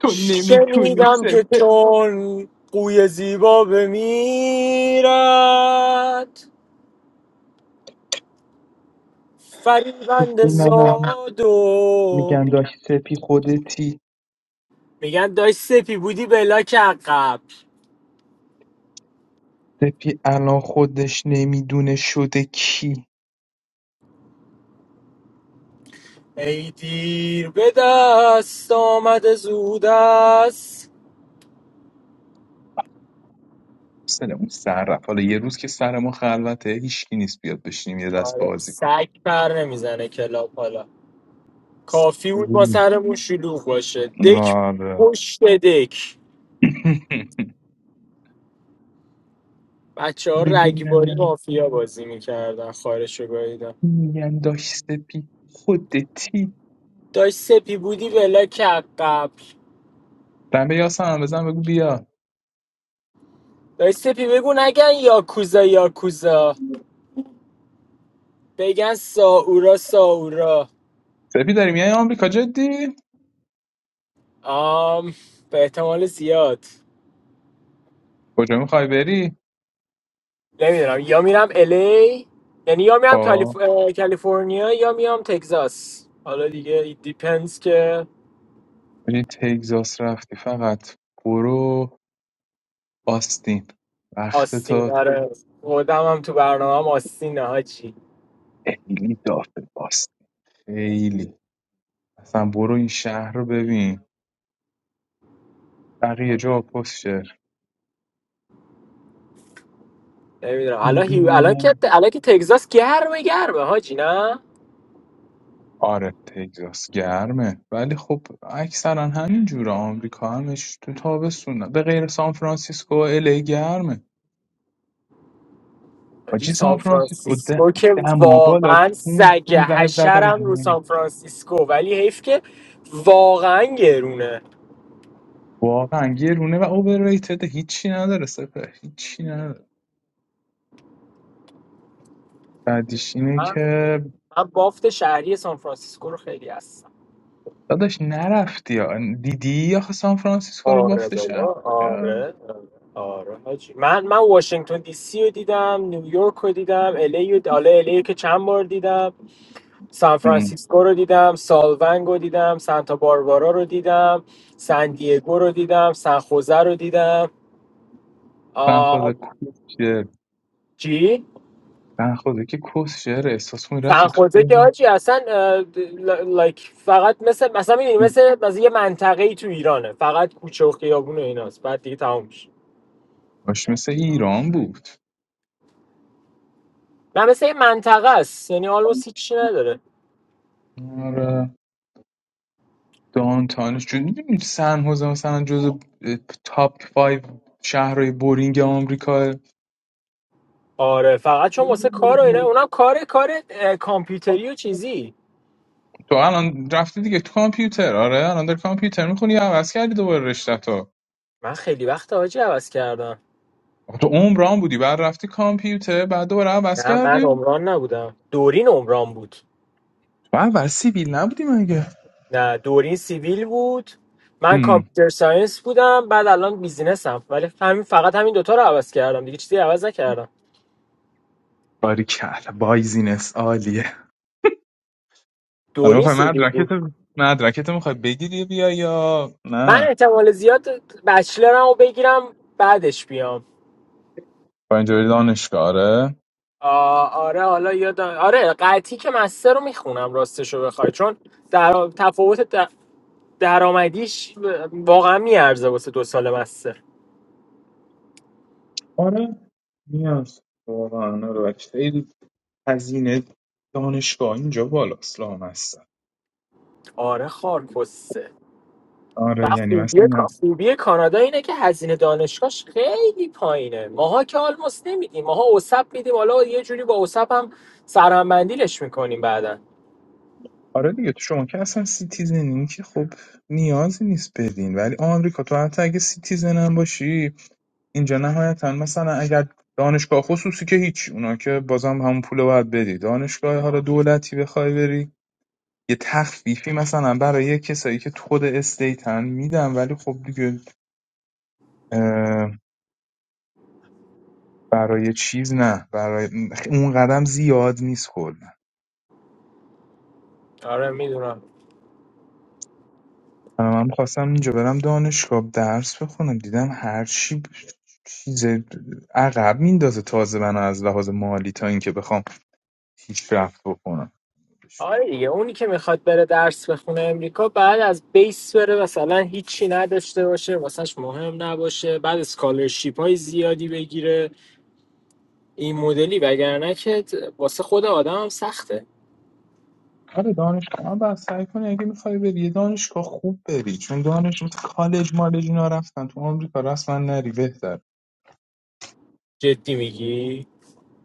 تو نمیتونی شنیدم که سپه چون قوی زیبا بمیرد فریبند دینم زاد و میگن داشت سپی خودتی میگن داشت سپی بودی بلاک عقب سپی الان خودش نمیدونه شده کی ای دیر به دست آمد زود است سرمون سر رفت حالا یه روز که سر ما خلوته هیچکی نیست بیاد بشینیم یه دست آره بازی کنیم سگ پر نمیزنه کلاب حالا کافی بود با اوی. سرمون شلوغ باشه دک آره پشت دک بچه ها رگباری میبینم مافیا بازی میکردن خارش رو گاییدن میگن داشت سپی خودتی داشت سپی بودی ولا کرد قبل دمه یاسم هم بزن بگو بیا داشت سپی بگو نگن یاکوزا یاکوزا بگن ساورا ساورا سپی داری میای آمریکا جدی آم به احتمال زیاد کجا میخوای بری نمیدونم یا میرم الی یعنی یا میرم کالیف... آه اه، کالیفرنیا یا میام تگزاس حالا دیگه ایت دیپنز که بری تگزاس رفتی فقط برو آستین آستین وقتتا داره خودم هم تو برنامه هم آستین. ها چی خیلی دافه باست خیلی اصلا برو این شهر رو ببین بقیه جا پشته نمیدونم الان هیو... الان که میبینن الان که تگزاس گرمه گرمه هاچی نه آره تگزاس گرمه ولی خب اکثرا همین جوره آمریکا همش تو تابستونه به غیر سان فرانسیسکو و الی گرمه حاجی حاجی سان سان فرانسیسکو ده فرانسیسکو که دما بالا واقعا سگ 15 17 درجه حشرم رو نمی‌رسه. سان فرانسیسکو ولی حیف که واقعا گرونه واقعا گرونه و اوورریتد هیچی نداره سپه هیچی نداره بعدیش اینه من, که من بافت شهری سان فرانسیسکو رو خیلی هستم داداش نرفتی یا دیدی یا سان فرانسیسکو رو آره بافت شهر بابا کرد. آره آره حاجی من من واشنگتن دی سی رو دیدم نیویورک رو دیدم الی رو حالا LA رو که چند بار دیدم سان ام. فرانسیسکو رو دیدم سالونگ رو دیدم سانتا باربارا رو دیدم سان دیگو رو دیدم سان خوزه رو دیدم سن آ... خدا کوشر چی سن خدا که کوشر احساس می رفتی تو سرخوزه که دیوان آجی اصلا اه، ل- لایک فقط مثل مثلا میدونی مثل مثل یه منطقه ای تو ایرانه فقط کوچه و خیابون و ایناست بعد دیگه تموم میشه باش مثل ایران بود و مثل یه منطقه است یعنی آلموس هیچی نداره آره دانتانش جو میدونی سن خوزه مثلا جز تاپ 5 شهرهای بورینگ آمریکا آره فقط چون واسه کار و اینا اونم کار کار اه، کامپیوتری و چیزی تو الان رفتی دیگه تو کامپیوتر آره الان در کامپیوتر میخونی یا عوض کردی دوباره رشته تو من خیلی وقت آجی عوض کردم آخه تو عمران بودی بعد رفتی کامپیوتر بعد دوباره عوض نه من کردی عمران نبودم دورین عمران بود ما اول سیبیل نبودی مگه نه دورین سیویل بود من کامپیوتر ساینس بودم بعد الان بیزینسم ولی همین فقط همین دوتا رو عوض کردم دیگه چیزی عوض نکردم باری کل بایزینس عالیه حالا دوری میخوای سیدی بود مدرکت مدرکت میخوای بگیری بیا یا من نه احتمال زیاد بچلرم رو بگیرم بعدش بیام با اینجا بری دانشگاه آره آ- آره حالا یادم آره قطعی که مستر رو میخونم راستش رو بخوای چون در... تفاوت در... درآمدیش واقعا میارزه واسه دو سال مستر آره نیاز واقعا آره. خیلی هزینه دانشگاه اینجا بالاست لامصب آره خارکسته و آره یعنی خوبیه مثلا خوبی کانادا اینه که هزینه دانشگاهش خیلی پایینه ماها که آلموس نمیدیم ماها اوسب میدیم حالا یه جوری با اوسب هم سرمندیلش میکنیم بعدا آره دیگه تو شما که اصلا سیتیزنی که خب نیازی نیست بدین ولی آمریکا تو حتی اگه سیتیزن هم باشی اینجا نهایتا مثلا اگر دانشگاه خصوصی که هیچ اونا که بازم همون پول رو باید بدی دانشگاه حالا دولتی بخوای بری یه تخفیفی مثلا برای کسایی که خود استیتن میدم ولی خب دیگه برای چیز نه برای اون قدم زیاد نیست کلا آره میدونم من هم خواستم اینجا برم دانشگاه درس بخونم دیدم هر چی ب- چیز عقب میندازه تازه من از لحاظ مالی تا اینکه بخوام هیچ پیشرفت بکنم آره دیگه اونی که میخواد بره درس بخونه امریکا بعد از بیس بره مثلا هیچی نداشته باشه واسهش مهم نباشه بعد اسکالرشیپ های زیادی بگیره این مدلی وگرنه که واسه خود آدم هم سخته آره دانشگاه آه، سعی کنی اگه میخوای بری یه دانشگاه خوب بری چون دانشگاه مثل کالج مالج اینا رفتن تو آمریکا رسما نری بهتر جدی میگی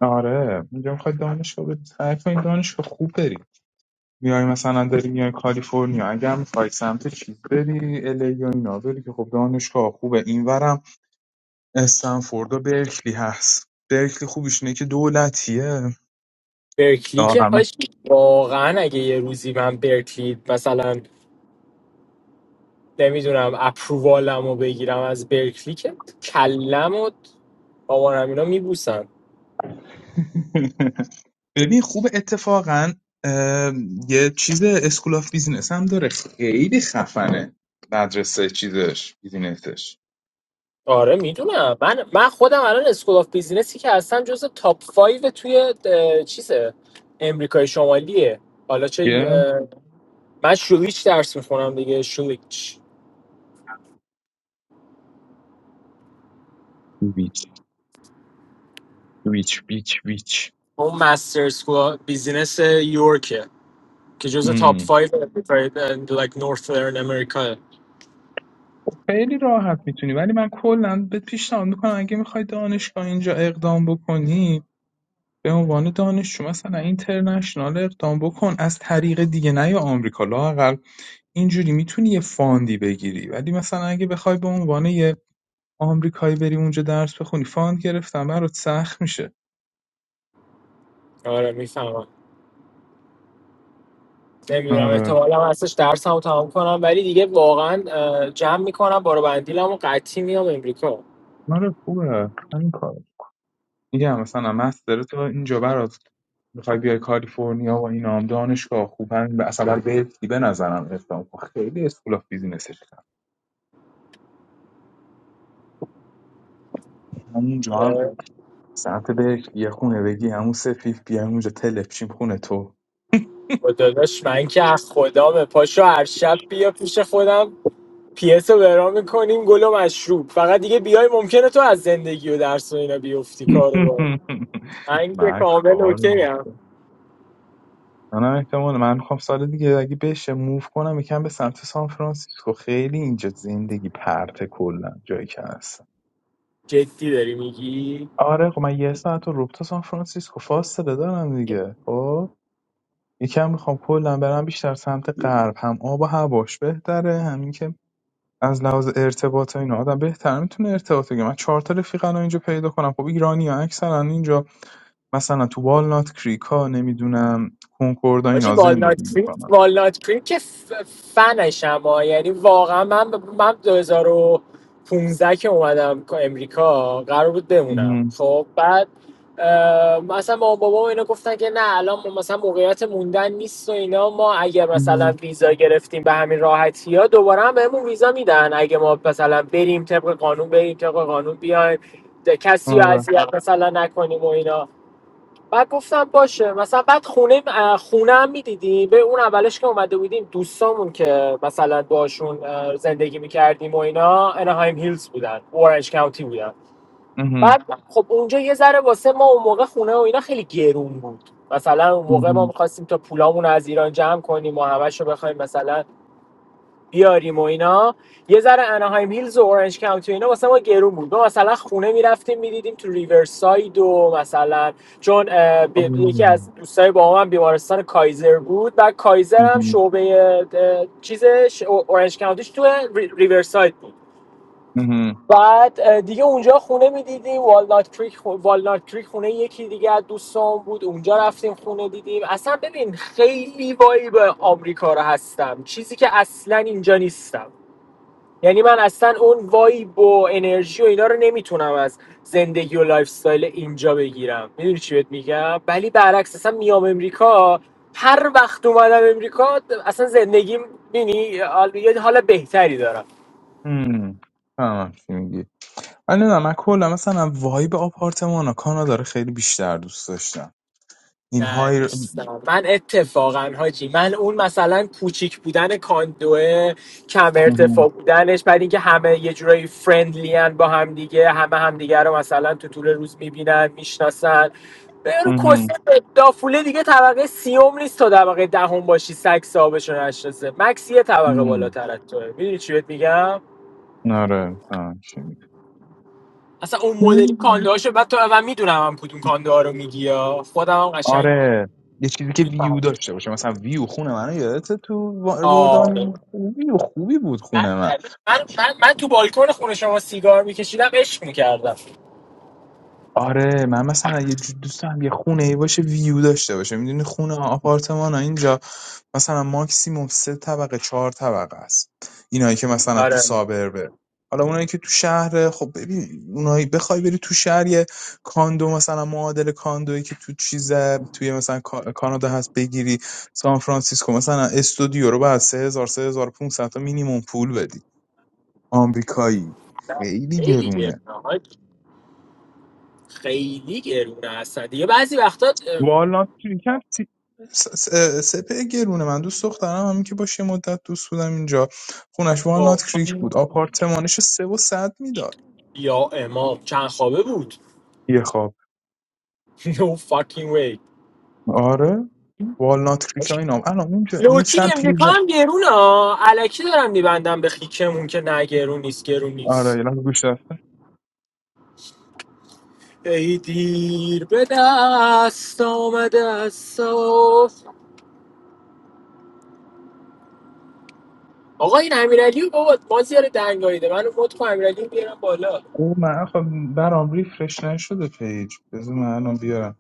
آره اینجا میخوای دانشگاه بری سعی کنی دانشگاه خوب بری میای مثلا داری میای کالیفرنیا اگر میخوای سمت چیز بری الی یا اینا بری که خب دانشگاه خوبه اینورم استنفورد و برکلی هست برکلی خوبیش اینه که دولتیه برکلی که دارم هاش واقعا اگه یه روزی من برکلی مثلا نمیدونم اپرووالم رو بگیرم از برکلی که کلم و آوانم اینا ببین خوب اتفاقا اه، یه چیز اسکول آف بیزینس هم داره خیلی خفنه مدرسه چیزش بیزینسش آره میدونم من من خودم الان اسکول آف بیزینسی که هستم جز تاپ 5 توی اه، چیزه امریکای شمالیه حالا چه چیه؟ اه، من شولیچ درس میخونم دیگه شولیچ ویچ ویچ ویچ ویچ اون مستر اسکول بیزینس یورکه که جز تاپ هم. 5 امریکای Like نورثرن امریکا خب خیلی راحت میتونی ولی من کلا به پیشنهاد میکنم اگه میخوای دانشگاه اینجا اقدام بکنی به عنوان دانشجو مثلا اینترنشنال اقدام بکن از طریق دیگه نه یا آمریکا لاقل اینجوری میتونی یه فاندی بگیری ولی مثلا اگه بخوای به عنوان یه آمریکایی بری اونجا درس بخونی فاند گرفتن برات سخت میشه آره میفهمم نمیدونم آره احتمالا هستش درس هم تمام کنم ولی دیگه واقعا اه، جمع میکنم بارو بندیلم و قطعی میام امریکا آره خوبه همین کار میگم مثلا مستر تو اینجا برات میخوای بیای کالیفرنیا و این هم دانشگاه خوب همین به اصلا برای برکلی به نظرم اقدام کن. خیلی اسکول آف بیزینسش کرد همونجا هم سمت برکلی یه خونه بگی همون سفیف بیا همونجا تلپشیم خونه تو با داداش من که از خدامه پاشو هر شب بیا پیش خودم پیس رو برام میکنیم گل و مشروب فقط دیگه بیای ممکنه تو از زندگی و درس و اینا بیفتی کارو با من که کامل مکار اوکی هم منم احتمال من میخوام سال دیگه اگه بشه موو کنم یکم به سمت سان فرانسیسکو خیلی اینجا زندگی پرته کلا جایی که هست جدی داری میگی آره خب من یه ساعت و روب تا سان فرانسیسکو فاصله دارم دیگه خب یکم میخوام کلا برم بیشتر سمت غرب هم آب و هواش بهتره همین که از لحاظ ارتباط و اینا آدم بهتر میتونه ارتباط بگیره من چهار تا رفیقا رو اینجا پیدا کنم خب ایرانی ها اکثرا اینجا مثلا تو والنات کریکا نمیدونم کنکوردا حاجی اینا زندگی والنات کریک میکنن والنات کریک که ف- فنشم ها یعنی واقعا من من 2015 که اومدم امریکا قرار بود بمونم خب بعد اه، مثلا ما بابا و اینا گفتن که نه الان مثلا موقعیت موندن نیست و اینا ما اگر مثلا ویزا گرفتیم به همین راحتی ها دوباره هم بهمون ویزا میدن اگه ما مثلا بریم طبق قانون بریم طبق قانون بیایم ده- کسی رو اذیت مثلا نکنیم و اینا بعد گفتم باشه مثلا بعد خونه خونه هم میدیدی به اون اولش که اومده بودیم دوستامون که مثلا باشون زندگی میکردیم و اینا انهایم هیلز بودن اورنج کاونتی بودن اهم، بعد خب اونجا یه ذره واسه ما اون موقع خونه و اینا خیلی گرون بود مثلا اون موقع ما اهم. میخواستیم تا پولامون رو از ایران جمع کنیم و همش رو بخوایم مثلا بیاریم و اینا یه ذره اناهایم هیلز و اورنج کانتی و اینا واسه ما گرون بود ما مثلا خونه میرفتیم میدیدیم تو ریورساید و مثلا چون آه. بی- یکی از دوستای با هم بیمارستان کایزر بود و کایزر هم اهم، شعبه اه، چیزش او- اورنج کانتیش تو ری- ریورساید بود اهم. بعد دیگه اونجا خونه میدیدیم والنات کریک خو- والنات کریک خونه یکی دیگه از دوستان بود اونجا رفتیم خونه دیدیم اصلا ببین خیلی وایب آمریکا رو هستم چیزی که اصلا اینجا نیستم یعنی من اصلا اون وایب و انرژی و اینا رو نمیتونم از زندگی و لایف استایل اینجا بگیرم میدونی چی بهت میگم ولی برعکس اصلا میام امریکا هر وقت اومدم امریکا اصلا زندگیم بینی یه حال بهتری همم. فهمم چی میگی. من نمیدونم من کلا مثلا وایب آپارتمانا کانادا رو خیلی بیشتر دوست داشتم. این های ر دارم من اتفاقا حاجی من اون مثلا کوچیک بودن کاندوه کم اهم، ارتفاع بودنش بعد اینکه همه یه جورایی فرندلی ان با هم دیگه همه همدیگه رو مثلا تو طول روز میبینن میشناسن برو کسه اهم، دافوله دیگه طبقه سیوم نیست تا طبقه دهم باشی سگ صاحبشو نشناسه مکس یه طبقه اهم. بالاتر از توه میدونی چی بهت میگم آره، فهمم چی میگی. اصلا اون مدلی کانده اهم. هاشو بعد تو اول میدونم هم کدوم کانده ها رو میگی یا خودم هم قشنگ آره، یه چیزی که ویو میفهمم داشته باشه مثلا ویو خونه منو یادته تو وا آره وردانی ویو خوبی بود من, خونه من. من, من من تو بالکن خونه شما سیگار میکشیدم عشق میکردم آره، من مثلا یه جو دوست دارم یه خونه‌ای باشه ویو داشته باشه. میدونی خونه آپارتمانا اینجا مثلا ماکسیمم ۳ طبقه ۴ طبقه است اینایی که مثلا تو آره سابربه حالا اونایی که تو شهر خب ببین اونایی بخوای بری تو شهر یه کاندو مثلا معادل کاندویی که تو چیزه توی مثلا کا- کانادا هست بگیری سان فرانسیسکو مثلا استودیو رو بعد 3000 3500 تا مینیمم پول بدی آمریکایی خیلی خیلی گرونه گرونه ها. خیلی گرونه هستن دیگه بعضی وقتا اه، والنات شرکت س- س- سپه گرونه من دوست دخترم همین که باشه مدت دوست بودم اینجا خونش خب، والنات کریک بود آپارتمانش سه و صد میداد یا امام چند خوابه بود یه خواب no fucking way آره والنات کریک ها اینام الان اونجا اون لوکی امریکا سمپلیزه هم گرونه ها علکی دارم میبندم به خیکمون که نه گرون نیست گرون آره نیست یه لحظه گوش داد. ای دیر به دست آمده است آقا این امیرعلی رو بابا ما زیاره دنگاییده من رو مد کن امیرعلی رو بیارم بالا او من خب برام ریفرش نشده پیج بذار من الان بیارم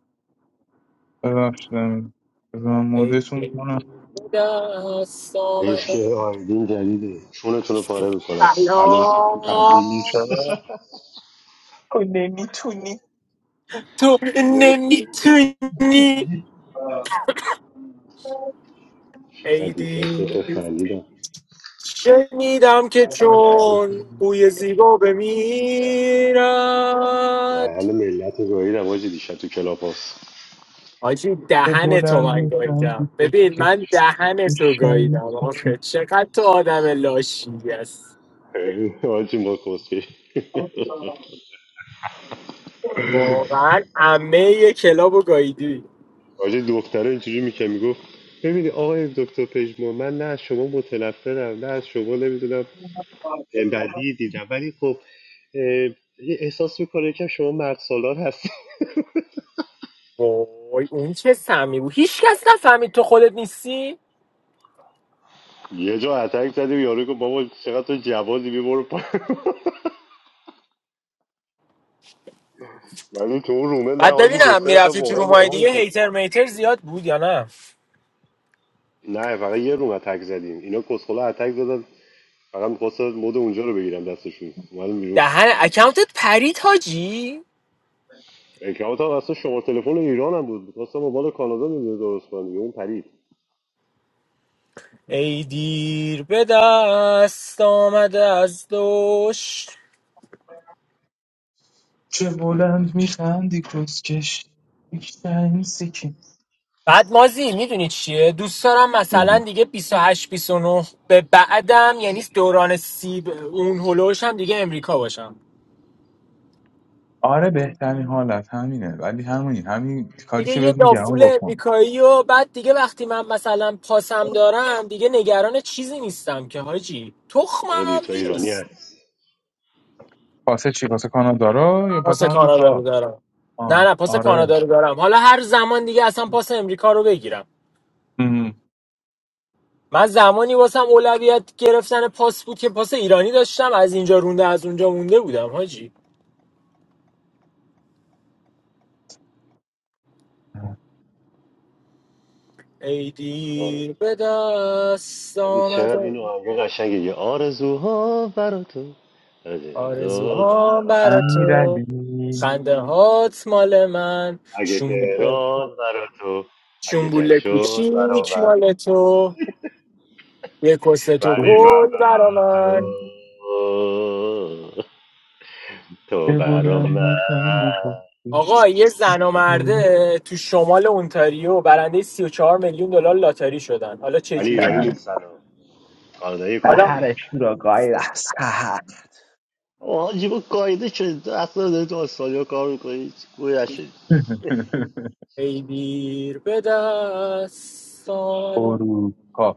ببخشید امین. بذار من ای مودتون کنم دست عشق آمد آیدین جدیده چونتون رو پاره میکنم هنوز سلام قبلی نیست چرا تو نمیتونی تو نمیتونم نمیتونی چقدر ای دیشب دیو تو تا خندیدم شنیدم که دهن چون بوی زیبا ده- بمیرد دهن ملت رو گاهیدم آجی دیشب تو کلاب هاست حاجی به دهن تو بلند من نیستم گاییدم بیتوز ببین من دهن تو گاییدم که آخه چقدر تو آدم لاشی هست آجی ما کسکش واقعا امه کلابو گاییدی آجی دختره اینجوری میکن میگفت ببینی آقای دکتر پژمان من نه از شما متنفرم نه از شما نمیدونم بدی دیدم ولی خب اه، احساس میکنه که شما مرد سالار هست وای اون چه سمی بود هیچ کس نفهمید تو خودت نیستی یه جا اتک زدیم یارو گفت بابا چقدر تو جوازی بی برو ولی تو اون رومه نه بعد حاجی دو ببینم سه نفر میرفتی تو واقعا رومای دیگه باورتون هیتر شد میتر زیاد بود یا نه نه فقط یه روم اتک زدیم اینا کسخلا اتک زدن فقط میخواستن مود اونجا رو بگیرم دستشون معلوم بیرون دهن اکانتت پرید حاجی اکرامات هم اصلا شماره تلفن ایران هم بود میخواستم موبایل کانادا میگه درست کنم دیگه اون پرید ای دیر به دست آمده از دوش چه بلند میخندی کسکش این سیکیم بعد مازی میدونی چیه دوست دارم مثلا دیگه 28 29 به بعدم یعنی دوران سیب اون هلوش هم دیگه امریکا باشم آره بهترین حالت همینه ولی همونی همین کاری دیگه که یه بهت میگم دافول اون بکن امریکایی و بعد دیگه وقتی من مثلا پاسم دارم دیگه نگران چیزی نیستم که حاجی تخمم چرا دیگه هم تو ایرانی نیست هست پاسه چی پاسه کانادا رو یا پاس پاسه کانادا رو آمریکا دارم نه آه نه پاس آره کانادا رو دارم حالا هر زمان دیگه اصلا پاس امریکا رو بگیرم ام. من زمانی واسم اولویت گرفتن پاس بود که پاس ایرانی داشتم از اینجا رونده از اونجا مونده بودم حاجی ای آره دیر به دست حاجی چقدر این آمد آهنگ قشنگه یه آرزوها برا تو از جلو آرزوها برابر. برا تو امیرعلی خنده هات مال من اگه شنبوله تهران برا تو اگه جنگ شنبوله شد کوچیک برابر مال تو یه کست تو ولی من پل برا برا من تو تو چه برا بلند من میخندی کسکش آقا یه زن و مرده تو شمال اونتاریو برنده سی و چهار میلیون دلار لاتاری شدن حالا چه ولی ایرانی در جوری نیستن و کانادایی حالا کانادایی سحر شورا گای در حاجی با قایده شد اصلا داری تو استرالیا کار میکنی گویا شد ای دیر به دست اروپا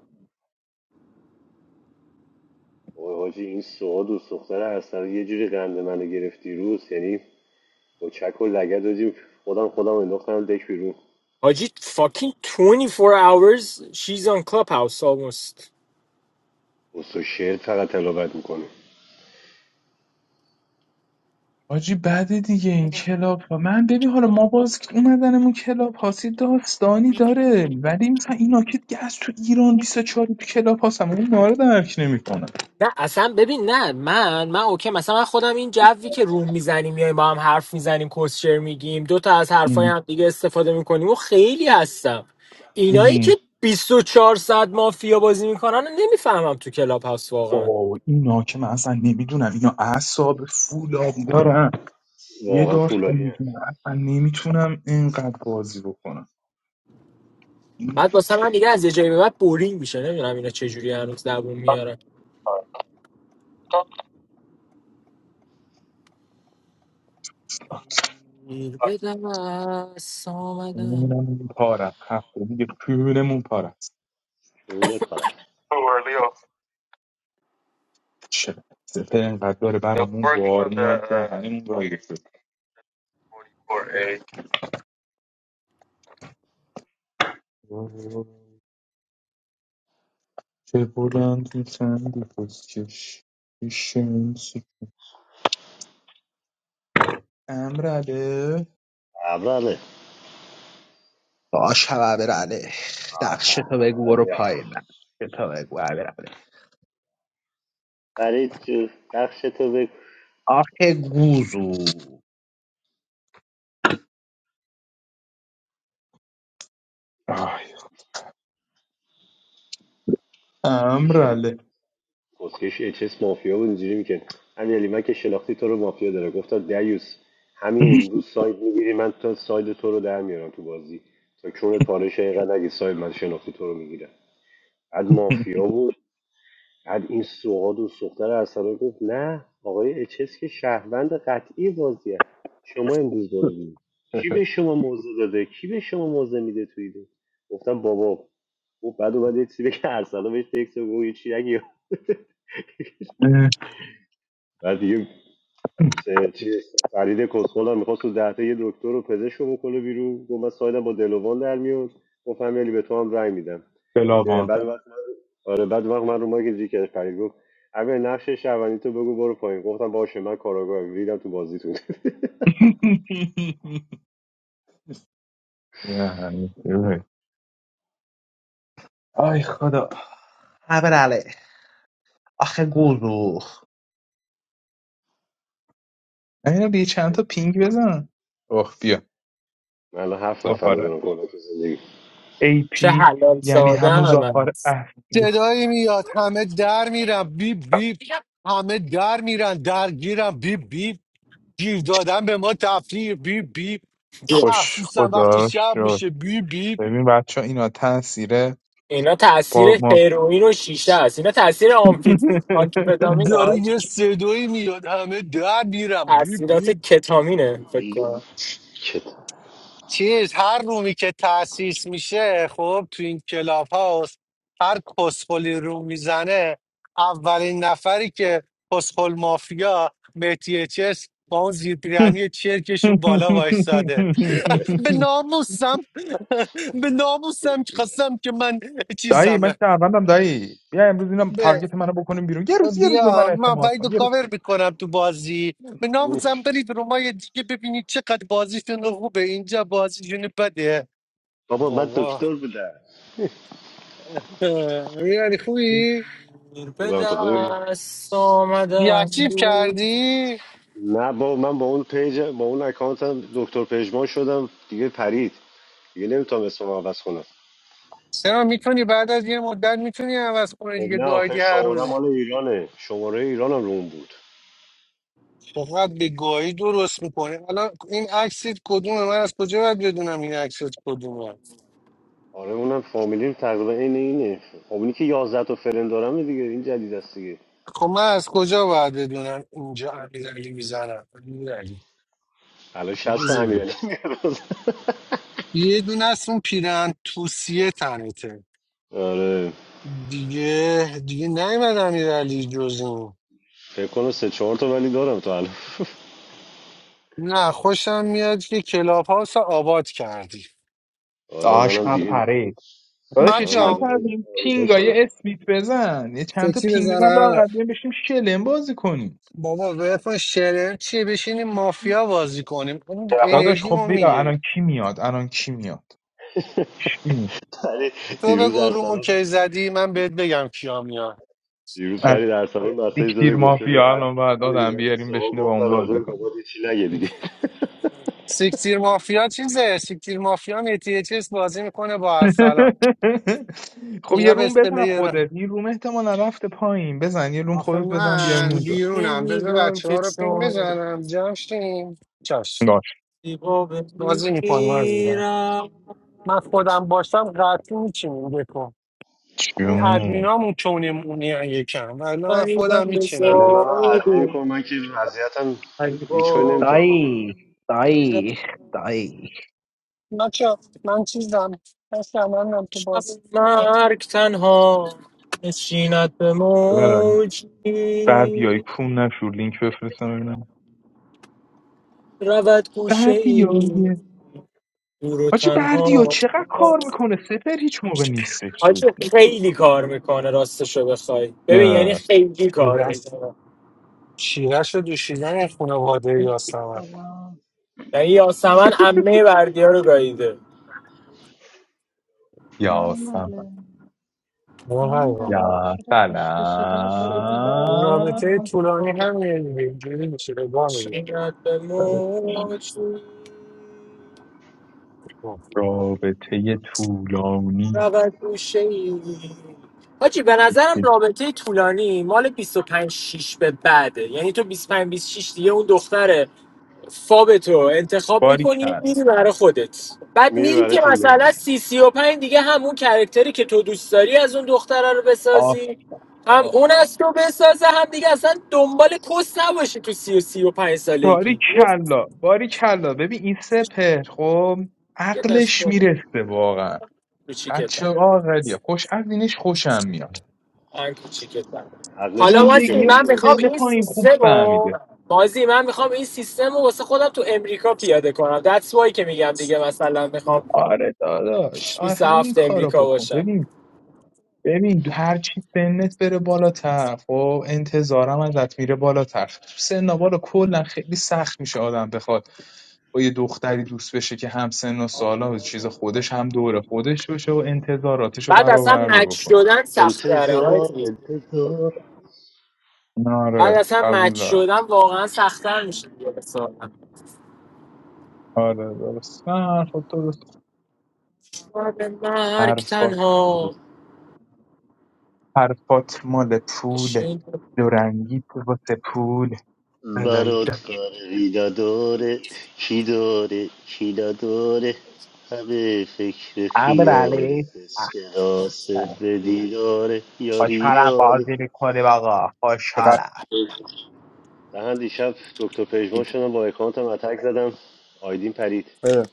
اوه حاجی این سوها دوست دختر اصلا یه جوری قند منو گرفتی روز یعنی با چک و لگد حاجی خودم خودم انداختم دک بیرون حاجی fucking 24 hours she's on clubhouse almost بس و شعر فقط تلاوت میکنه حاجی بعد دیگه این کلاب ها من ببین حالا ما باز اومدنمون کلاب هاسی داستانی داره ولی مثلا اینا که دیگه از تو ایران 24 تو کلاب هاستم اون ماره درک نمیکنه نه اصلا ببین نه من من اوکی مثلا من خودم این جوی که روح میزنیم میایم با هم حرف میزنیم کوسچر میگیم دو تا از حرفای هم دیگه استفاده میکنیم و خیلی هستم اینایی که 24 ساعت مافیا بازی میکنن رو نمیفهمم تو کلاب هست واقعا اوه اینا که من اصلا نمیدونم اینا اعصاب فولاد دارن یه واقعا داشت فولادیه نمیدونم اصلا نمیتونم اینقدر بازی بکنم این بعد واسه من دیگه از یه جایی به بعد بورینگ میشه نمیدونم اینا چه جوری هنوز دووم میارن میر بدم از آمدم. خونمون پاره هفته دیگه خونمون پاره است شعور کارش Too early off. چه سپه اینقدر داره برامون بار میاد دهنمون رایگه. چه بلند میخندی خودکش یه شمس امرله ابله باش همه برنه نقشه تو بگو برو آره پایین نقشه تو بگو برنه برای تو نقش تو بگو آخه گوزو آی، دیشب امرله کسکش اچس مافیا بود اینجوری میکرد امیرعلی من که شناختی تو رو مافیا داره گفتم دیوس همین امروز ساید میگیری من تا ساید تو رو در میارم تو بازی تا چون تارش اینقدر نگی ساید من شناختی تو رو میگیرم بعد مافیا بود بعد این سوهاد و سختر ارسلان گفت نه آقای اچس که شهروند قطعی بازیه شما امروز برو بیرون کی به شما موضع داده کی به شما موضع میده توی دو گفتم بابا و بعد اومد یه چیزی بگه ارسلان بهش تکس رو بگو یه چی نگی اه، بعد دیگه سه- چیز فرید کسخل هم میخواست تو دهتا یه دکتر و پزشکو رو بکنه بیرون گفت من سایدم با دلوان در میاد گفتم یعنی به تو هم رأی میدم یعنی بلاوان بعد وقت آره بعد وقت من رو مایک زیکر فرید گفت اول نقش شهروندی تو بگو برو پایین گفتم باشه من کاراگاه ریدم تو بازیتون یعنی. آی خدا همه آخه گوزو اینا بیا چند تا پینگ بزن اوه بیا من الان هفت نفر زهاره رو دارم کلا تو زندگی ap چه حلال یعنی همون ساده زعفر من اصلی صدایی میاد همه در میرن بیب بیب همه در میرن درگیرن بیب بیب گیر دادن به ما تفریح بیب بیب خوش مخصوصا وقتی خدا رو شب شد میشه بیب بیب ببین بچه اینا تاثیر اینا تاثیر با ما هروئین و شیشه است اینا تاثیر آمفیت آنتیپتامینه داره یه حاجی. صدایی میاد همه در میرن بیب تاثیرات بیب کتامینه فکر کنم چت چیز هر رومی که تاسیس میشه خب تو این کلاب هاست هر کسخلی رو میزنه اولین نفری که کسخل مافیا مهدی چس با اون زیرپیرنی چرکشون بالا وایستاده به ناموسم به ناموسم که خواستم که من دایی من چیزمه شهروندم دایی بیا امروز اینا به تارگت منو بکنیم بیرون یه روز یه روز به من بیا من اعتماد وید رو کن یه روز کاور میکنم تو بازی به ناموسم برید رومای دیگه ببینید چقدر بازیشون خوبه اینجا بازیشون بده بابا من بابا دکتر بودم اه، یعنی خوبی؟ دور به بودم تو خوبی دست آمدن دیاکتیف کردی؟ نه بابا من با اون پیج با اون اکانتم دکتر پژمان شدم دیگه پرید دیگه نمیتونم اسمم عوض کنم چرا میتونی بعد از یه مدت میتونی عوض کنی خب دیگه نه آخه گایدی هر شماره روز مال ایرانه شماره ایرانم رو اون بود فقط به گاهی درست میکنه الان این عکسیت کدومه من از کجا باید بدونم این عکست کدومه آره اونم فامیلیم تقریبا عین اینه خب اونی که یازده تا فرند دارم دیگه این جدید است دیگه خب من از کجا باید بدونم اینجا امیرعلی میزنم امیرعلی الان 60 تا بزن. امیرعلی میاد یه دونه از اون پیرن توسیه تنته آره دیگه دیگه نیومد امیرعلی جز اون فکر کنم سه چهار تا ولی دارم تو الان نه خوشم میاد که کلاب هاوس رو آباد کردی آره داش منم دیگه پرید داداش یه منم چند مجا تا از مدل این آمیتا شدم پینگای اسمیت بزن یه چند تا سکسی پینگ بزن بزنم لااقل بیایم بشیم شلم بازی کنیم بابا بفن شرر چیه بشینیم مافیا بازی کنیم اون داداش انرژی خب ما بیا میگیره الان کی میاد الان کی میاد کی ولی تو دیروز بگو رومو ارسلان کی زدی من بهت بگم کیا میان دیروز میاد فرید ارسلان مسیج یک تیر زده گفته به مافیا ام- الان باید امیرعلی آدم من به بیاریم سوها بشینه با گفتم اون راجع به بازی کن بابات چی نگه دیگه سیکتیر مافیا چیزه سیکتیر مافیا میتیچس بازی میکنه با ارسلان خب یه اینا به روم بزن اسپلیر خودت این روم احتمالا رفته پایین بزن یه روم آخه خودت بزن بیایم من اونجا بیرونم بذار شنیدم بچه که ها رو پین چون بزنم جمشیم چاش باش زیبا بازی میکنم عزیزم بمیرم من خودم باشم قطعی میچینیم بکن این جون ادمینامون چونیم اونی یکم ولی من خودم فریدن به میچینم فعلا من بکن عقل زاده میکنم من که وضعیتم هیچ کاری فریبا نمیتونم بکنم دایی دایی دایی من چه من چیزم من شمنم تو شب بازی مرگ تنها نشیند به برای موجی بردیای کون نشور لینک بفرستم ببینم رود گوشه ای بردیای دور و آجی بردیا تنها چقدر کار میکنه سپر هیچ موقع نیستش حاجی خیلی کار میکنه راستشو بخوای ببین یعنی نه. خیلی کار شیرش میکنه شیرش رو دوشیدن خانواده یاسمن Salam, یعنی یاسمن salam, salam. عمه بردیا رو گاییده How یا are سلام you? How are you? یا Is your face سلام face done? رابطه Salam, طولانی همینه دیگه اینجوری میشه رضا میگه چقدر به موج خب. رابطه طولانی رود گوشه ای حاجی به نظرم رابطه طولانی مال 25 6 به بعده یعنی تو 25 26 دیگه اون دختره فابتو انتخاب باری میکنی کرد میری برای خودت بعد میره میری برای که تیم مثلا ملی سی سی و پنج دیگه همون کرکتری که تو دوست داری از اون دختره رو آف بسازی هم آف اون از تو بسازه هم دیگه اصلا دنبال کس نباشی تو سی و سی و پنج باری سالگی یه کلا باری کلا ببین این سپر خب یه دشت عقلش میرسه واقعا بچه کوچیکتر عاقلیه خوش از اینش خوشم میاد من کوچیکتر عقلش حالا کوچیکه زندگی واسه ها ولی من که میخوام میرسه سن این پایین خوب سیستم رو فهمیده بازی من میخوام این سیستم رو واسه خودم تو امریکا پیاده کنم That's why که میگم دیگه مثلا میخوام آره داداش آره همین 27 کارا امریکا بکن باشم ببین ببین هر چی سنت بره بالاتر خب انتظارم ازت میره بالاتر تو سن بالا کلا خیلی سخت میشه آدم بخواد با یه دختری دوست بشه که هم سن و سالا و چیز خودش هم دوره خودش باشه و انتظاراتش رو بعد اصلا برآورده مچ بکن شدن سخت داره انتظار حاجی انتظار آره بعد اصلا قبول مچ دارم شدن واقعا سختتر میشه دیگه به آره درست نه حرفات درست به مرگ حرفات درست. تنها حرفات مال پوله بشین دورنگی تو واسه پول بلایی برات فرقی نداره کی داره کی نداره همه فکر ابر خیاله علی اسکناس به دیداره یاری خوشحالم یاری بازی میکنیم آقا چقدر خوشحالم من دیشب دکتر پژمان شدم با اکانتم اتک زدم آیدین پرید اه،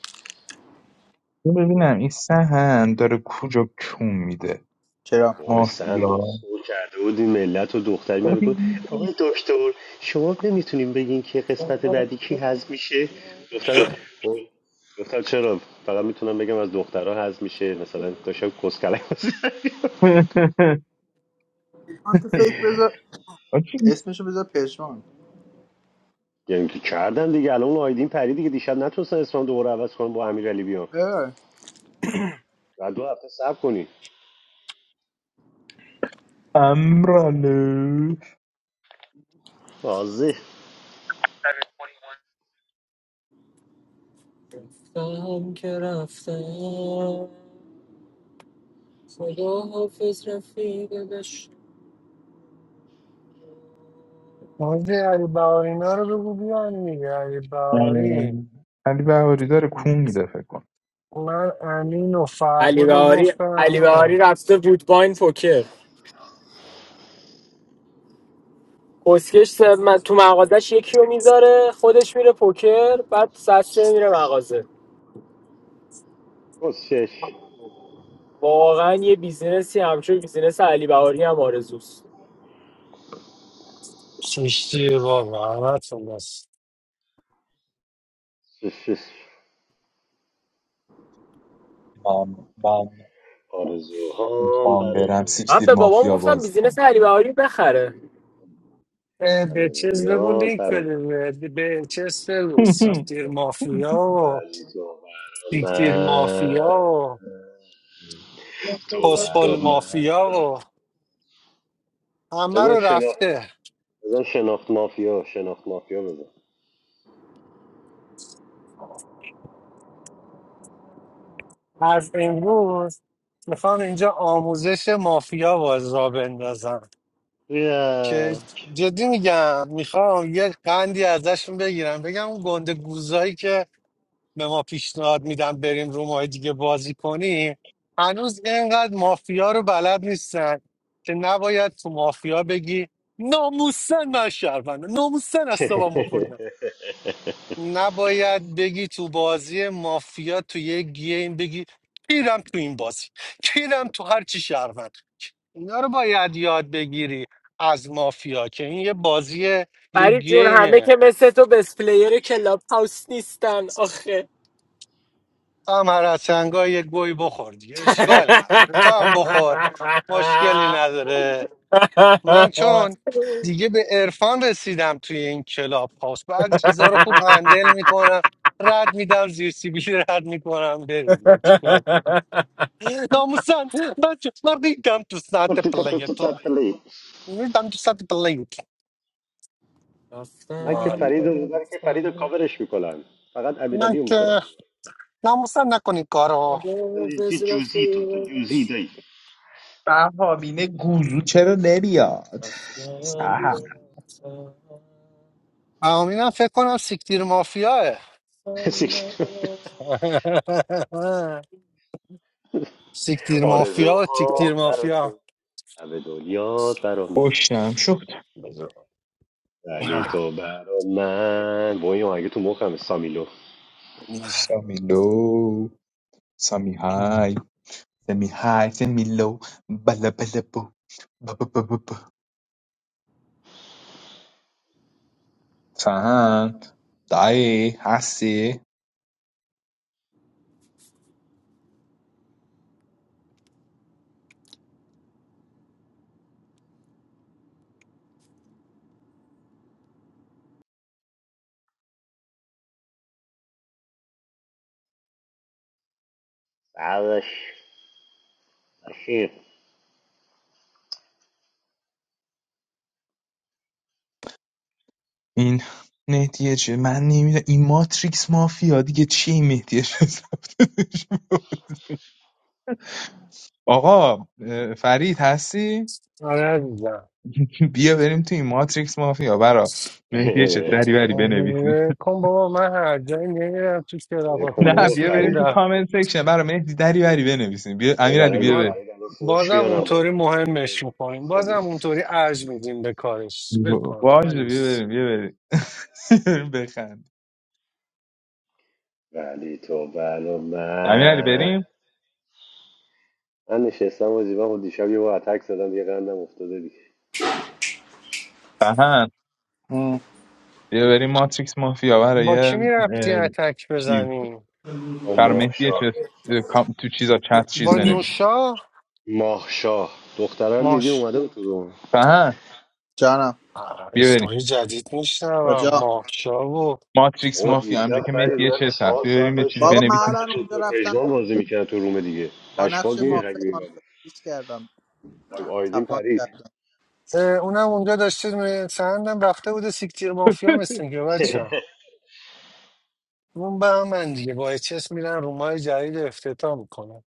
این ببینم این سهن داره کجا کون میده چرا وای سهن مافیا اسکول کرده بود این ملت و دختری میاد میگفت آقای دکتر شما نمیتونیم بگین که قسمت بعدی کی هضم میشه گفتم گفتم چرا فقط میتونم بگم از دخترها هضم میشه مثلا داشتم کسکلک بازی آن تو فکر بذار آجی این اسمشو بذار پشمان یعنی که کردن دیگه الان اون آیدین پری دیگه دیشب نتونستن اسمم دوباره عوض کنم با امیرعلی علی بیام اه. بعد دو هفته صبر کنی سمرانو واضح رفتم که رفتم خدا حافظ رفیق داشت حاجی علی بهارینا رو بگو بیان دیگه علی بهاری علی بهاری داره کون میده فکر کنم. من امین و علی فرباد رو بهاری گفتم علی بهاری میام رفته وودباین پوکر کسکش س- م- تو مغازش یکی رو میذاره خودش میره پوکر بعد سسته میره مغازه واقعا یه بیزینسی همچون بیزینس علی بهاری هم آرزوست سوشتی بابا همتون بس کسش من من آرزوهام میخوام برم براتون من سیکتیر به بابام مافیا گفتم بازی بیزینس کنم علی بهاری بخره اه، به همه چیز بگو رویات لینک براتون بده به به چیز بگو سیکتیر مافیا و ولی تو برا سیکتیر مافیا من و تو برا پسخل من مافیا و همه بذار رو شناخت رفته بذار شناخت مافیا شناخت مافیا بذار از امروز میخوام اینجا آموزش مافیا باز را بندازم که بیا. جدی میگم میخوام یه قندی ازشون بگیرم بگم اون گنده گوزایی که به ما پیشنهاد میدم بریم رو ماه دیگه بازی کنیم هنوز اینقدر مافیا رو بلد نیستن که نباید تو مافیا بگی ناموسن من شهروندم ناموسن از تو با نباید بگی تو بازی مافیا تو یه گیم بگی کیرم تو این بازی کیرم تو هر چی شهروند اینا رو باید یاد بگیری از مافیا که این یه بازی یه فرید جون همه گیمه که مثل تو بس پلیر کلاب هاوس نیستن آخه تو هم هر از سنگا یه گوی بخور دیگه اشکال نداره تو هم بخور مشکلی نداره من چون دیگه به عرفان رسیدم توی این کلاب هاوس بعضی چیزا رو خوب هندل میکنم رد میدم زیر سیبیلی رد میکنم بره دیگه namusan ben çocuklarda idam tutsante من playetto idam tutsante playetto که رفتم فرید Olha, که رو- من که فرید رو رفتم، کاورش میکنم فقط não امیرعلی رو que میکنم não moça não com coro. چی خداحافظ جوزی تو تو جوزی رفیقش. دایی بهامینه گوزو چرا نمیاد رفتم سهر که رفتم، A menina fez com o siktir mafia é. غم ندارم. Siktir mafia, آرزوها siktir برا mafia. تو همه دنیا برا من خوشم شد ولی تو برا من با این آهنگ تو مخم سامیلو سامیلو سامی های سمی های سمی لو بلا بلا بو فهند دایی هستی بعدش اخیر این مهدیه چه من نمیدونم این ماتریکس مافیا دیگه چی این مهدیه چه آقا اه، فرید هستی Olha, بیا بریم تو این ماتریکس مافیا برا مهدی چه دریوری بنویسیم como uma já nem era tu que era کن نه بابا بیا بریم فرید تو para کامنت سکشن برا مهدی دریوری بنویسیم بیا او امیرعلی برای رو بیا با- بریم فرید الان فوش بازم میارم بالا اونطوری مهمش میکنیم بازم اونطوری ارج میدیم به کارش ول کن آقا، من باشه بیا نیست بریم بیا بریم بخند ولی تو بلا امیرعلی من بریم من نشستم و زیبا خود دیشب یه با اتک زدم دیگه قندم افتاده دیگه فهند ام، بیا بریم ماتریکس مافیا برای با کی میرفتی اه، اتک چیز بزنی با بر مهدی ماهشاه چیز تو چیزا چت چیز با بنویسیم نوشا ماهشاه دختره رو دیدی ماش اومده بود تو روم فهد جانم آه، بیا بریم اسمای جدید میشنوم کجا ماشا و ماتریکس او مافیا همجا دیشب که فرید مهدی من چه هست چهار بیا ساعت بریم یه داشتم چیزی بابا من بنویسیم نقش تو الان چی اونجا دکتر پژمان رفتم بازی میکرد تو روم دیگه با نقش اشباق میریخ مافه اگه آن میمدی چیز کردم آیدین تپان پرید کردم اه، اونم اونجا داشته می- سندم رفته بوده سیکتیر مافیا مثل که بچه ها. اون به من دیگه با اچس میرن رومای جدید افتتاح میکنن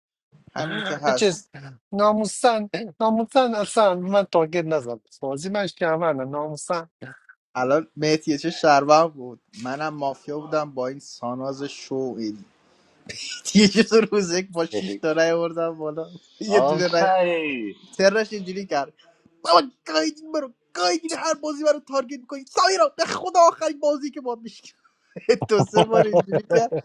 همین که اچس هست ناموسن ناموسن اصلا من تاگه نزن بازی من شهرمنه ناموسن الان مهدیه چه شربه بود منم مافیا بودم با این ساناز شو این یه چیز روز یک با شیش تا رای آوردم بالا یه دونه رای آفرین ترش اینجوری کرد بابا گایدین برو گایدین هر بازی برو تارگت میکنی سایرا به خدا آخرین بازی که باد دو سه بار اینجوری کرد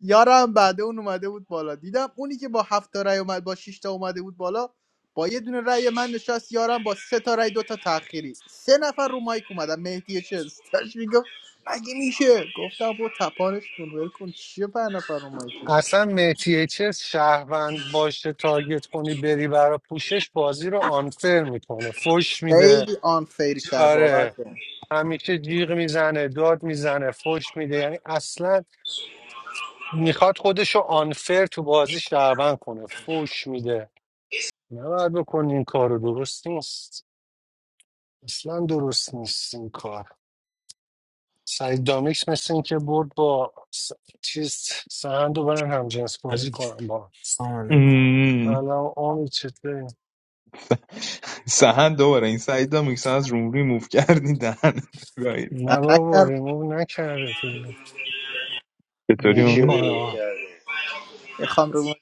یارم بعد اون اومده بود بالا دیدم اونی که با هفت تا رای اومد با 6 تا اومده بود بالا با یه دونه رای من نشست یارم با سه تا رای دو تا تأخیری سه نفر رو مایک اومدن مهدی چیز داشت میگفت مگه میشه گفتم برو تپانش کن ول کن چیه پنج نفر رو مایکی اصلا مهدی چه شهروند باشه تارگت کنی بری برا پوشش بازی رو آنفر میکنه فش میده خیلی آن فیر کرد باور آره کن همیشه جیغ میزنه داد میزنه فش میده یعنی اصلا میخواد خودشو آنفر تو بازی شهروند کنه فش میده نباید بکنی این کار رو درست نیست اصلا درست نیست این کار سعید دامیکس مثل این که برد با س... چیز سهند رو برن همجنس I love بازی it. کنم با I love it. مم. الان امید چطوری؟ سهن دوباره این سعید هم میکسن از روم ریموف کردی دهن تو گاهی. من نه بابا نکردم ریموو نکرده فیلم چطوری یکی رو امید نمیکنه ریموو آقا کرده میخوام رو مایک.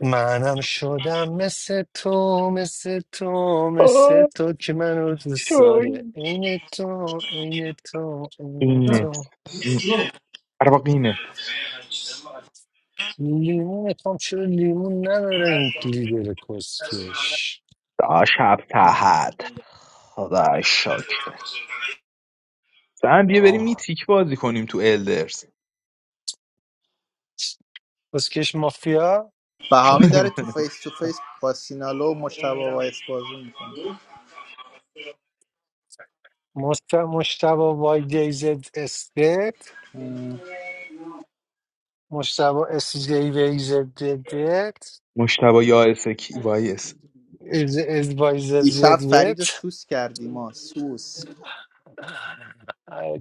منم شدم مثل تو مثل تو مثل آی، تو که منو دوست داره آی. عین تو عین تو عین اینت تو م، اربقینت لیمون میخوام چرا لیمون نداره این لیدر کسکش دا شب تحت خدا شکر سهن بیا بریم آه. میتیک بازی کنیم تو الدرز کسکش مافیا بهامین داره تو فیس تو فیس با سینالو و مشتبه وایس بازی میکنه مست- مشتبه وای دیزد استد مشتبه اس جی ویزد مشتبه یا اس کی وایس از از وایز دیشب فرید رو سوس کردیم ما سوس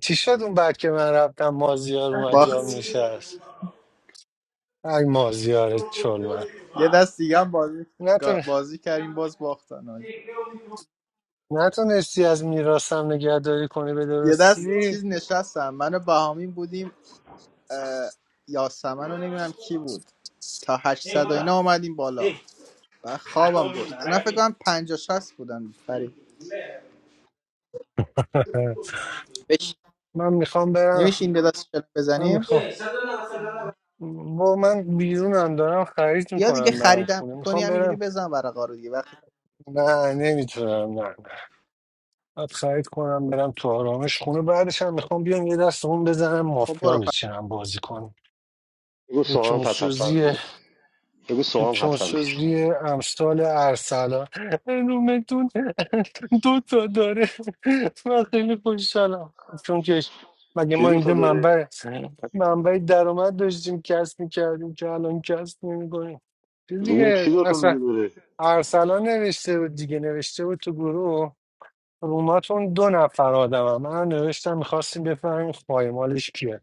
چی شد اون بعد که من رفتم مازیار اومد باخت جام نشست ای مازیار چلمن یه دست دیگه هم بازی, نتون... بازی کردیم باز باختن آج. نتونستی از میراثم نگهداری کنی به یه دست درستی چیز نشستم من و بهامین بودیم یاسمن رو نمیدونم کی بود تا 800 و اینا اومدیم بالا و خوابم بود اینا فکر کنم 50 60 بودن فرید بش من میخوام برم نمیشه این دست شل من بزنیم میخوام با من بیرونم دارم خرید یا دیگه میکنم برم خریدم خونه میکنی میخوام همینجوری برم بزن ورقا رو دیگه وقتی نه نمیتونم نه نه. باید خرید کنم برم تو آرامش خونه بعدش هم میخوام بیام یه دست اون بزنم خب مافیا برو بچینم بازی کنم بگو به سوام پس حتما کیموسوزی بیاد بگو سوام حتما بیاد چانسوزی امثال ارسلان رومتون دو تا داره من خیلی خوشحالم چون که مگه چی ما دوتا اینجا داره منبع منبع درآمد داشتیم کسب میکردیم که الان کسب نمیکنیم روم چی دیگه دوتا اصلا میگه داره ارسلان نوشته بود دیگه نوشته بود تو گروه روماتون دو نفر آدم من نوشتم میخواستیم بفهمیم خایمالش کیه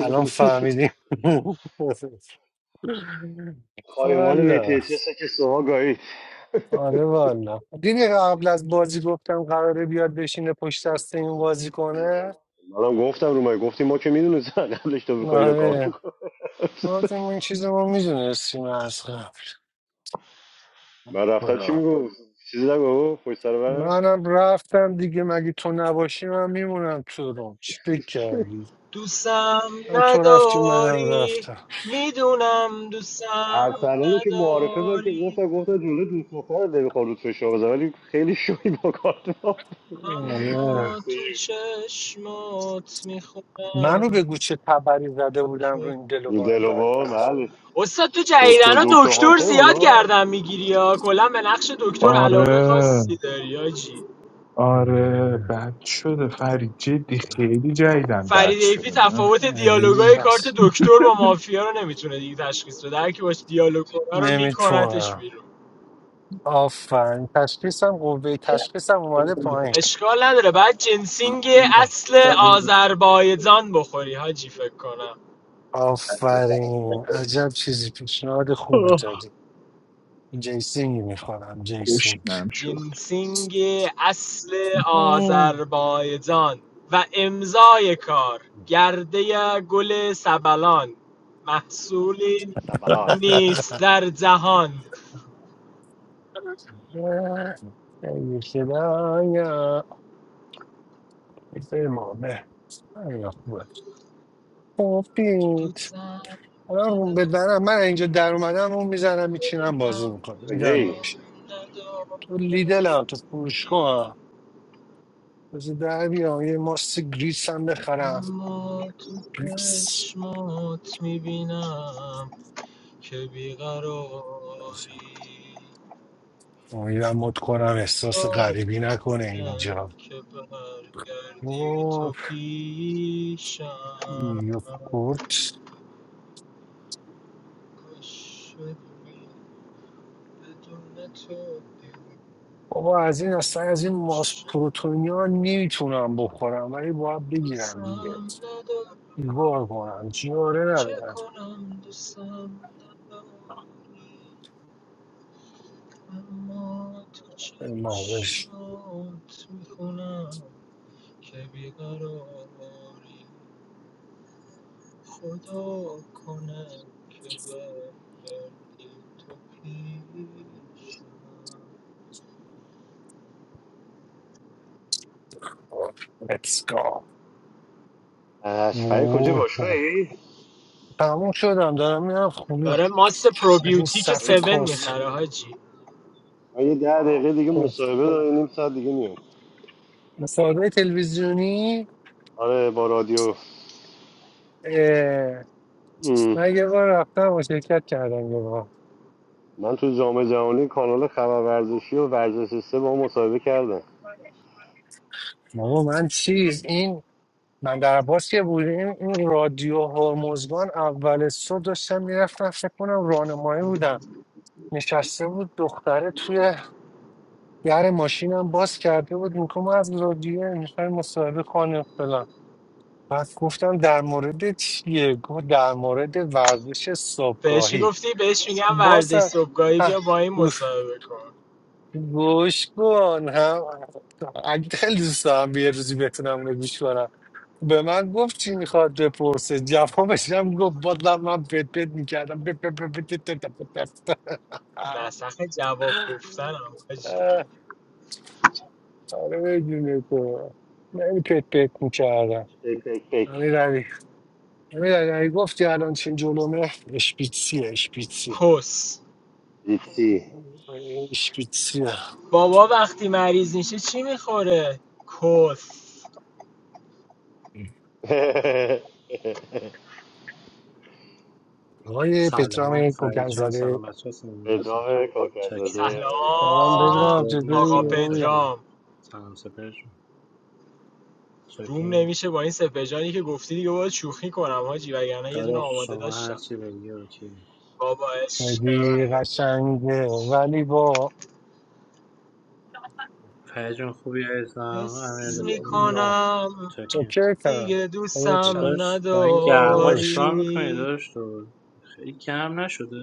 الان فهمیدیم خایمال والا میتی چه که سوها گایید آره والا دیدی قبل از بازی گفتم قراره بیاد بشینه پشت دست این بازی کنه منم گفتم رومای گفتی ما که میدونیم زن قبلش تو میخوایی رو کامل آره کن ما تو این چیز رو میدونستیم از قبل من رفتم چی خدا. میگو چیزی نگو پشت سر من منم رفتم دیگه مگه تو نباشی من میمونم تو روم چی فکر کردی دوستم من تو رفتی منم نداری رفتم میدونم دوستم ارسلانو که معارفه من که نداری گفتم گفتم جلو دوست دختر نمیخوام رو فشار بزن ولی خیلی شوی با کارت ما اما آره واسه تو چشمات منو میخونم بگو چه تبری زده بودم رو که این دلوان دل و بال بدبخت بله استاد تو دکتر جدیدن دکتر دکتر هانتر بود زیاد ها گردن میگیری یا کلا به نقش دکتر علاقه آره خاصی داری آجی آره آره. بد شده فرید جدی خیلی جدیدن بد فرید ایفی شده نه؟ تفاوت یعنی دیالوگای کارت بس دکتر با مافیا رو نمیتونه دیگه تشخیص بده هر کی باش دیالوگ کنه رو میکنتش نمیتونم بیرون آفرین تشخیصم قوه تشخیصم اومده پایین اشکال نداره بعد جنسینگ آه، اصل آذربایجان بخوری حاجی فکر کنم آفرین عجب چیزی پیشنهاد خوبی دادی جیسینگ میخورم جیسینگ گشنم شد جنسینگ اصل آذربایجان و امضای کار گرده گل سبلان محصولی سبلان نیست در جهان مم. ای خدایا امامه خیلی خوبه مفید الان رو بدنم من اینجا در اومدم اون میزنم میچینم بازی میکنم نگران کجایی؟ نباش تو لیدل هم تو فروشگاه هم بذار در بیام یه ماست گریس هم بخرم اما تو گریس چشمات میبینم که بیقراری امیدم مد کنم احساس غریبی نکنه کنه اینجا که برگردی اوه، تو پیشم کاش یوگورت شدی بدون تو بابا از این اصلا از این ماس دیوش پروتئینا نمیتونم بخورم ولی باید بگیرم دیگه دوستم ندارم بیگار کنم جیاره چه ندارم کنم دوستم نداری اما تو ماهش چشمات میخونم که بیقراری خدا کنه که بردی تو پیشم Let's go اشفای کجا وای، خب. باشگاهی؟ تموم شدم دارم میرم خونه داره ماست چقدر این پروبیوتیک من 7 صفحه کس. میخره حاجی من یه ده آه، دقیقه دیگه خب. مصاحبه دارم نیم ساعت دیگه میام مصاحبه تلویزیونی آره با رادیو اه، ام. من یه بار رفتم و شرکت کردم من تو جام جهانی کانال خبر ورزشی و ورزش سه با هم مصاحبه کردم بابا من چیز این من در عباس که بودیم این رادیو هرمزگان اول صبح داشتم میرفتم فکر کنم راهنمایی بودم نشسته بود دختره توی در ماشینم باز کرده بود میگفت ما از رادیو میخوای مصاحبه کنیم فلان بعد گفتم در مورد چیه گفت در مورد ورزش بهش صبحگاهی میگفتی بهش میگم ورزش بازم صبحگاهی بیا با این اه مصاحبه کن گوش کن هم اگه خیلی دوست دارم یه روزی بتونم اونو گوش کنم به من گفت چی میخواد بپرسه جوابش هم گفت بازم من پت پت میکردم پت پت پت پت پت پت پت پت. دستخ جواب گفتنم حاجی اه، آره بدون تو یعنی پت پت میکردم پک پک پک امیر علی امیر علی اگه گفتی الان چین جلومه اشپیتسی اشپیتسی کس دیپسی اشپیتسی بابا وقتی مریض میشه چی میخوره کس آقای سلام پترام فرید کوکن جان زده سلام بچه ها سلام علیکم. ادامه چاکریم کاکرزاده سلام سلام پدرام سلام قربونت آقا برم چطوری چاکریم پدرام سلام سپر جان روم چاکریم نمیشه با این سپجانی که گفتی دیگه باید شوخی کنم حاجی وگرنه یه دونه داداش آماده شما داشتم هرچی بگی اوکی بابا عشق خیلی من. قشنگه ولی با فرید جان خوبی عزیزم امیر حس یا رفیقم. یا میکنم تو چاکریم که کرد دیگه خدا چند دوستم داداش با این گرما خداش چیکار میکنی نداری داداش تو خیلی کم نشده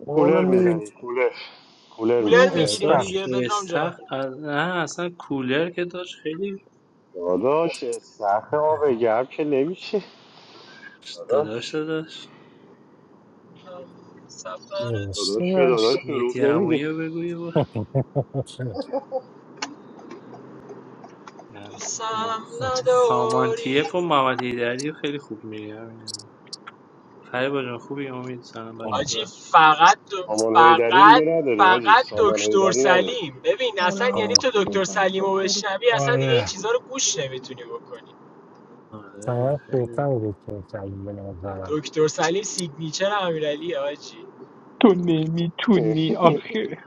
اونو کولر میبین میزنی کولر کولر کولر این میزنی میگیریم داداش استخ دیگه پدرام استخ جان از- نه اصلا کولر که داشت خیلی داداش سخت آب گرم که نمیشه داداش داداش داداش سفر داداش به نوشتینش داداش دروغ مهدی نمیگه عمویی رو بگویی نه. دوستم نداری سامانتیف و محمد هیدری خیلی خوب میری همین فریبا جان خوبی امید سلام آجی بچه‌ها فقط سامان هیدری دیگه فقط نداریم آجی فقط سامان دکتر هیدری نداریم سلیم ببین اصلا salam. یعنی آه، تو آه. دکتر Please سلیم رو answer. بشنوی اصلا دیگه این آره چیزها رو گوش نمیتونی بکنی آره سهند خیلی بهتر بود که کردیم به نظرم دکتر سلیم سیگنیچر امیرعلی آجی تو نمیتونی آخه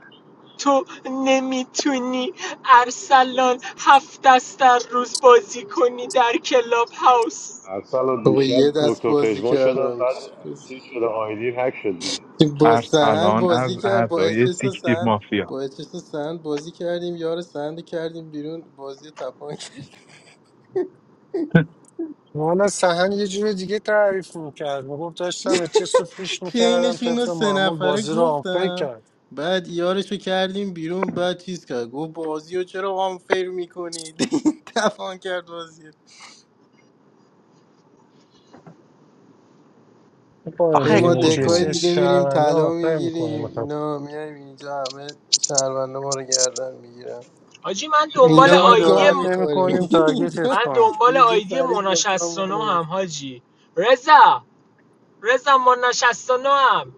تو نمیتونی ارسلان هفت دست در روز بازی کنی در کلاب هاوس اصلا و بابا دیشب یه دست دکتر بازی پژمان شدم کردم بعد چیز شده آیدی هک شد دیگه با سهند ارسلان از بازی کرد با اعضای اچس و سیکتیر سهند مافیا با اچس و سهند بازی کردیم یار سهند کردیم بیرون بازی رو تپان کرد والا سهند یه جور دیگه تعریف میکرد میگفت داشتم چیز رو پوش میکردم کینش اینو طبق سه معمول نفره بازی رو آنفر گفتم کرد بعد یارش رو کردیم بیرون بعد چیز کرد گفت بازی رو چرا آنفیر میکنید تپان کرد بازی رو. باید ای آخه دیگه ما ما که دکای چه گوزو دیگه میریم شهرونده طلا آنفر میگیریم میکنه اینا میایم اینجا همه شهرونده ما رو گردن میگیرن آجی من دنبال اینجا اینجا ما ما آیدی گام جرأت م- نمی میخوریم کنیم تارگتت اینجا من کنیم دنبال اینجا آیدی فرید مونا با گام 69 منو هم می‌زنه. حاجی رضا رضا مونا 69 هم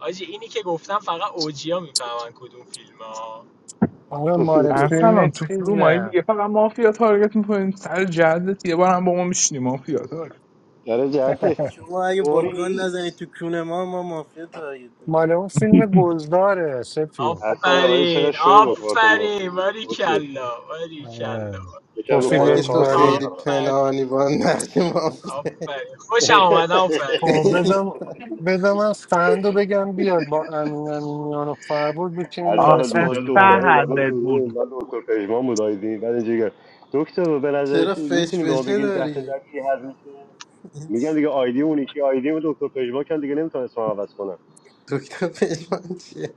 آجی اینی که گفتم فقط اوجیا میفهمن کدوم فیلم ها آره مال فیلم ارسلان تو فرومایی چیزه دیگه فقط مافیا تارگت میکنیم سر جدت یه بار هم با ما میشینی مافیا تارگت داره جهت شما اگه با طوری گان نزنید نیست تو کونه ما ما مافیا تارگت می‌کنیم. مال اون فیلم گلداره سه اصلا ولی چقدر آفرین شوی با کارت مافی آفرین کسیش باریکلا باریکلا آره. یکم به نه توفیق خودت اگه کار تو کن اجباری خیلی اصلا آفرین پنهانی با نقش مافیا آفرین خوشم آمد آفرین خب خیلی- بذار بذار من فند رو بگم بیاد با امین امینیان و فربود بکنیم آه، یه اصلا دست دیشب بازی دختره کنیم اومده تو روم من دکتر پژمان بود آیدی بعد اینجوری گفت، دکتر به چرا نظرش فش میتونی به ما فشه بگین دفعه داری در کی حل میشه میگن دیگه آیدی اون یکی آیدی اون دکتر پژواکن دیگه نمیتونن اسمم عوض کنن دکتر پشمان چیه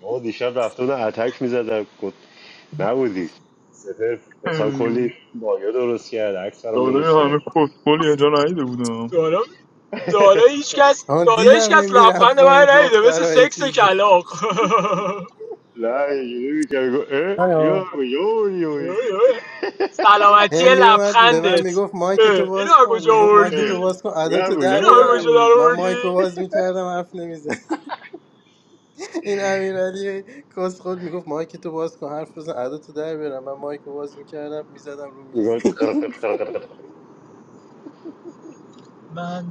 ما دیشب رفته بودن اتک میزدن گفت نبودی سپر مثلا کلی مایه درست کرد عکس برام درست کرد دارم دالا هیچ کس آن دالا هیچ دیدم هی کس میرفت لبخند با این من نیده مثل دخترها یه سکس چیزی کلاق نه اینجوری میکرد گفت اه هلو یا یا یو سلامتی هی میومد به من لبخندت میگفت مایک اه، تو اینو باز از کن کجا میگفت مایک تو آوردی؟ باز کن ادا یا تو در اینو یو از بیارم کجا یا در من مایک رو آوردی؟ باز میکردم حرف نمی‌زد. این امیرعلی کس خود میگفت مایک تو باز کن حرف بزن ادا تو در بیارم من مایک رو باز میکردم میزدم رو میز میگفت قر قر قر قر قر. من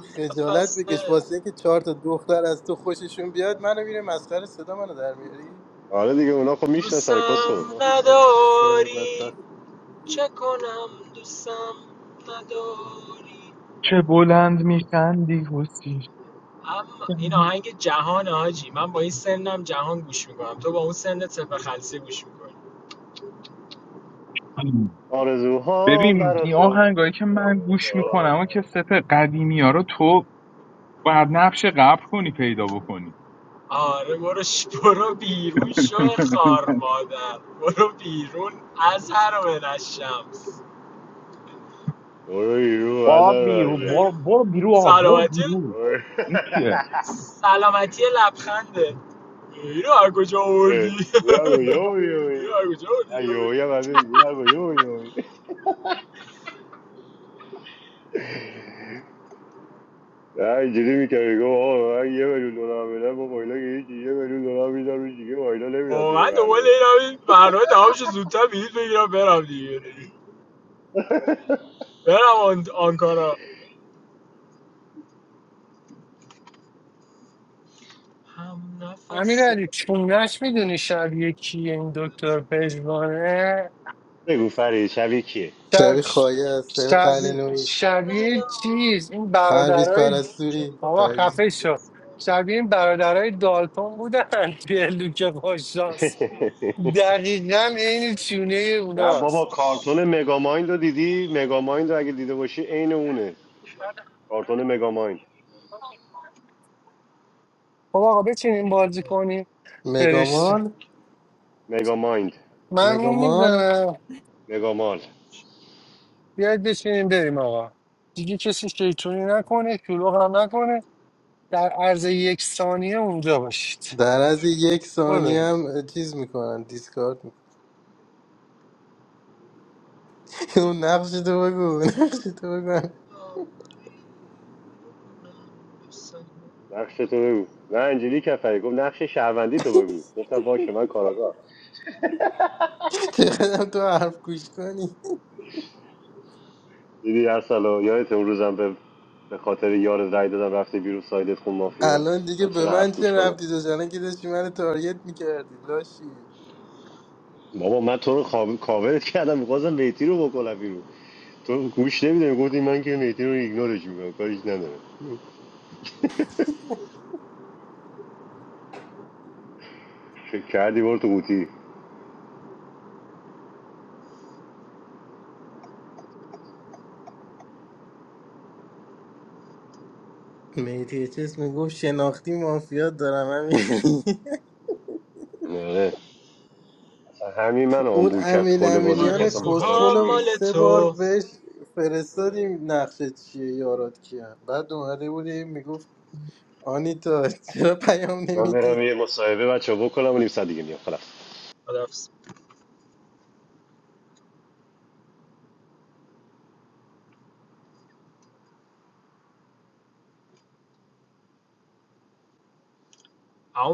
خجالت بکش نفس واسه اینکه چهار تا دختر از تو خوششون بیاد منو میره مسخره صدا منو در میاری آره دیگه اونا خب میشناسن کس خود دوستم با خاک تو سر نداری بدبخت چه کنم دوستم نداری چه بلند میخندی حسی اما این آهنگ جهان حاجی من با این سنم جهان گوش میکنم تو با اون سنت سپه خلصه گوش میکنی آرزوها ببین برا این تو آهنگایی که من آره. گوش میکنم و که ست قدیمی ها رو تو باید نقش قبل کنی پیدا بکنی آره برو ش... برو بیرون شو خار مادر برو بیرون از هر من از شمس برو رو از Bor birur, راجب bor bor birur ha, bor سلامتی neçi ya. سلامتی لبخنده اینو از کجا آوردی اه، یا گو یومی یومی اینو از کجا نه آوردی یومی هم از این دیگه نگو یومی یومی نه اینجوری میکردی گفت آقا من یه میلیون دلار میدم با مایلا که هیچی یه میلیون دلار میدم روش دیگه مایلا نمیدم توی واقعا دنبال برنامه اینم این برنامه تمام شه زودتر بلیط بگیرم برم دیگه برم آن... آنکارا هم امیر نفس علی چونش میدونی شبیه کیه این دکتر پژمانه بگو فرید شبیه کیه شب شبی خایه از شبی قله دوست شبیه, نوعی شبیه ندارم. چیز این پرویز برادرای چه پرستویی بابا پرویز خفه کنم شد. شبیه این برادرای دالتون بودن توی لوک خوششانس دقیقا عین چونه نه بابا اوناست چش. کارتون مگامایند رو دیدی مگامایند رو اگه دیده باشی عین اونه کارتون مگامایند بابا آقا بچینیم بازی کنیم فرش مگامال مگامایند من رو مگامال میبنم مگامال بیاید بچینیم بریم آقا دیگه کسی شیطونی نکنه شلوغ هم نکنه در عرض یک ثانیه اونجا باشید در از یک برو بریم. ثانیه هم چیز میکنن دیسکارد میکنن اون نقش تو بگو نقش تو بگو نقش تو بگو نه اینجوری کفری گفت نقش شهروندی تو بگو گفتم باشه من کاراگاه چقدرم تو حرف گوش کنی دیدی ارسلا یادت اون روزم به به خاطر یار رای دادم رفته بیرون سایدت خون مافیا الان دیگه من به چقدر من حرف چه گوش کنم ربطی داشت الان که داشتی من تارگت میکردی لاشی بابا من تو رو خواب... کاورت کردم میخواستم میتی رو بکنم بیرون تو گوش نمیدونی گفتی من که میتی رو ایگنورش میکنم کاریش ندارم فکر کردی برو تو قوطی میتی چیز میگفت شناختی مافیا دارم همین آره اصلا همین من اون آمبول کرد امین کل بازی امینیان میخواستم آرزوها بکنمش کسخلم بیرون مال سه بار تو بهش فرستادیم نقشه چیه یارات کیه بعد اومده بود هی میگفت آنیتا چرا پیام من نمیدی برم یه مصاحبه بچه بکنم و نیم ساعت دیگه میام خلاص خدافز اما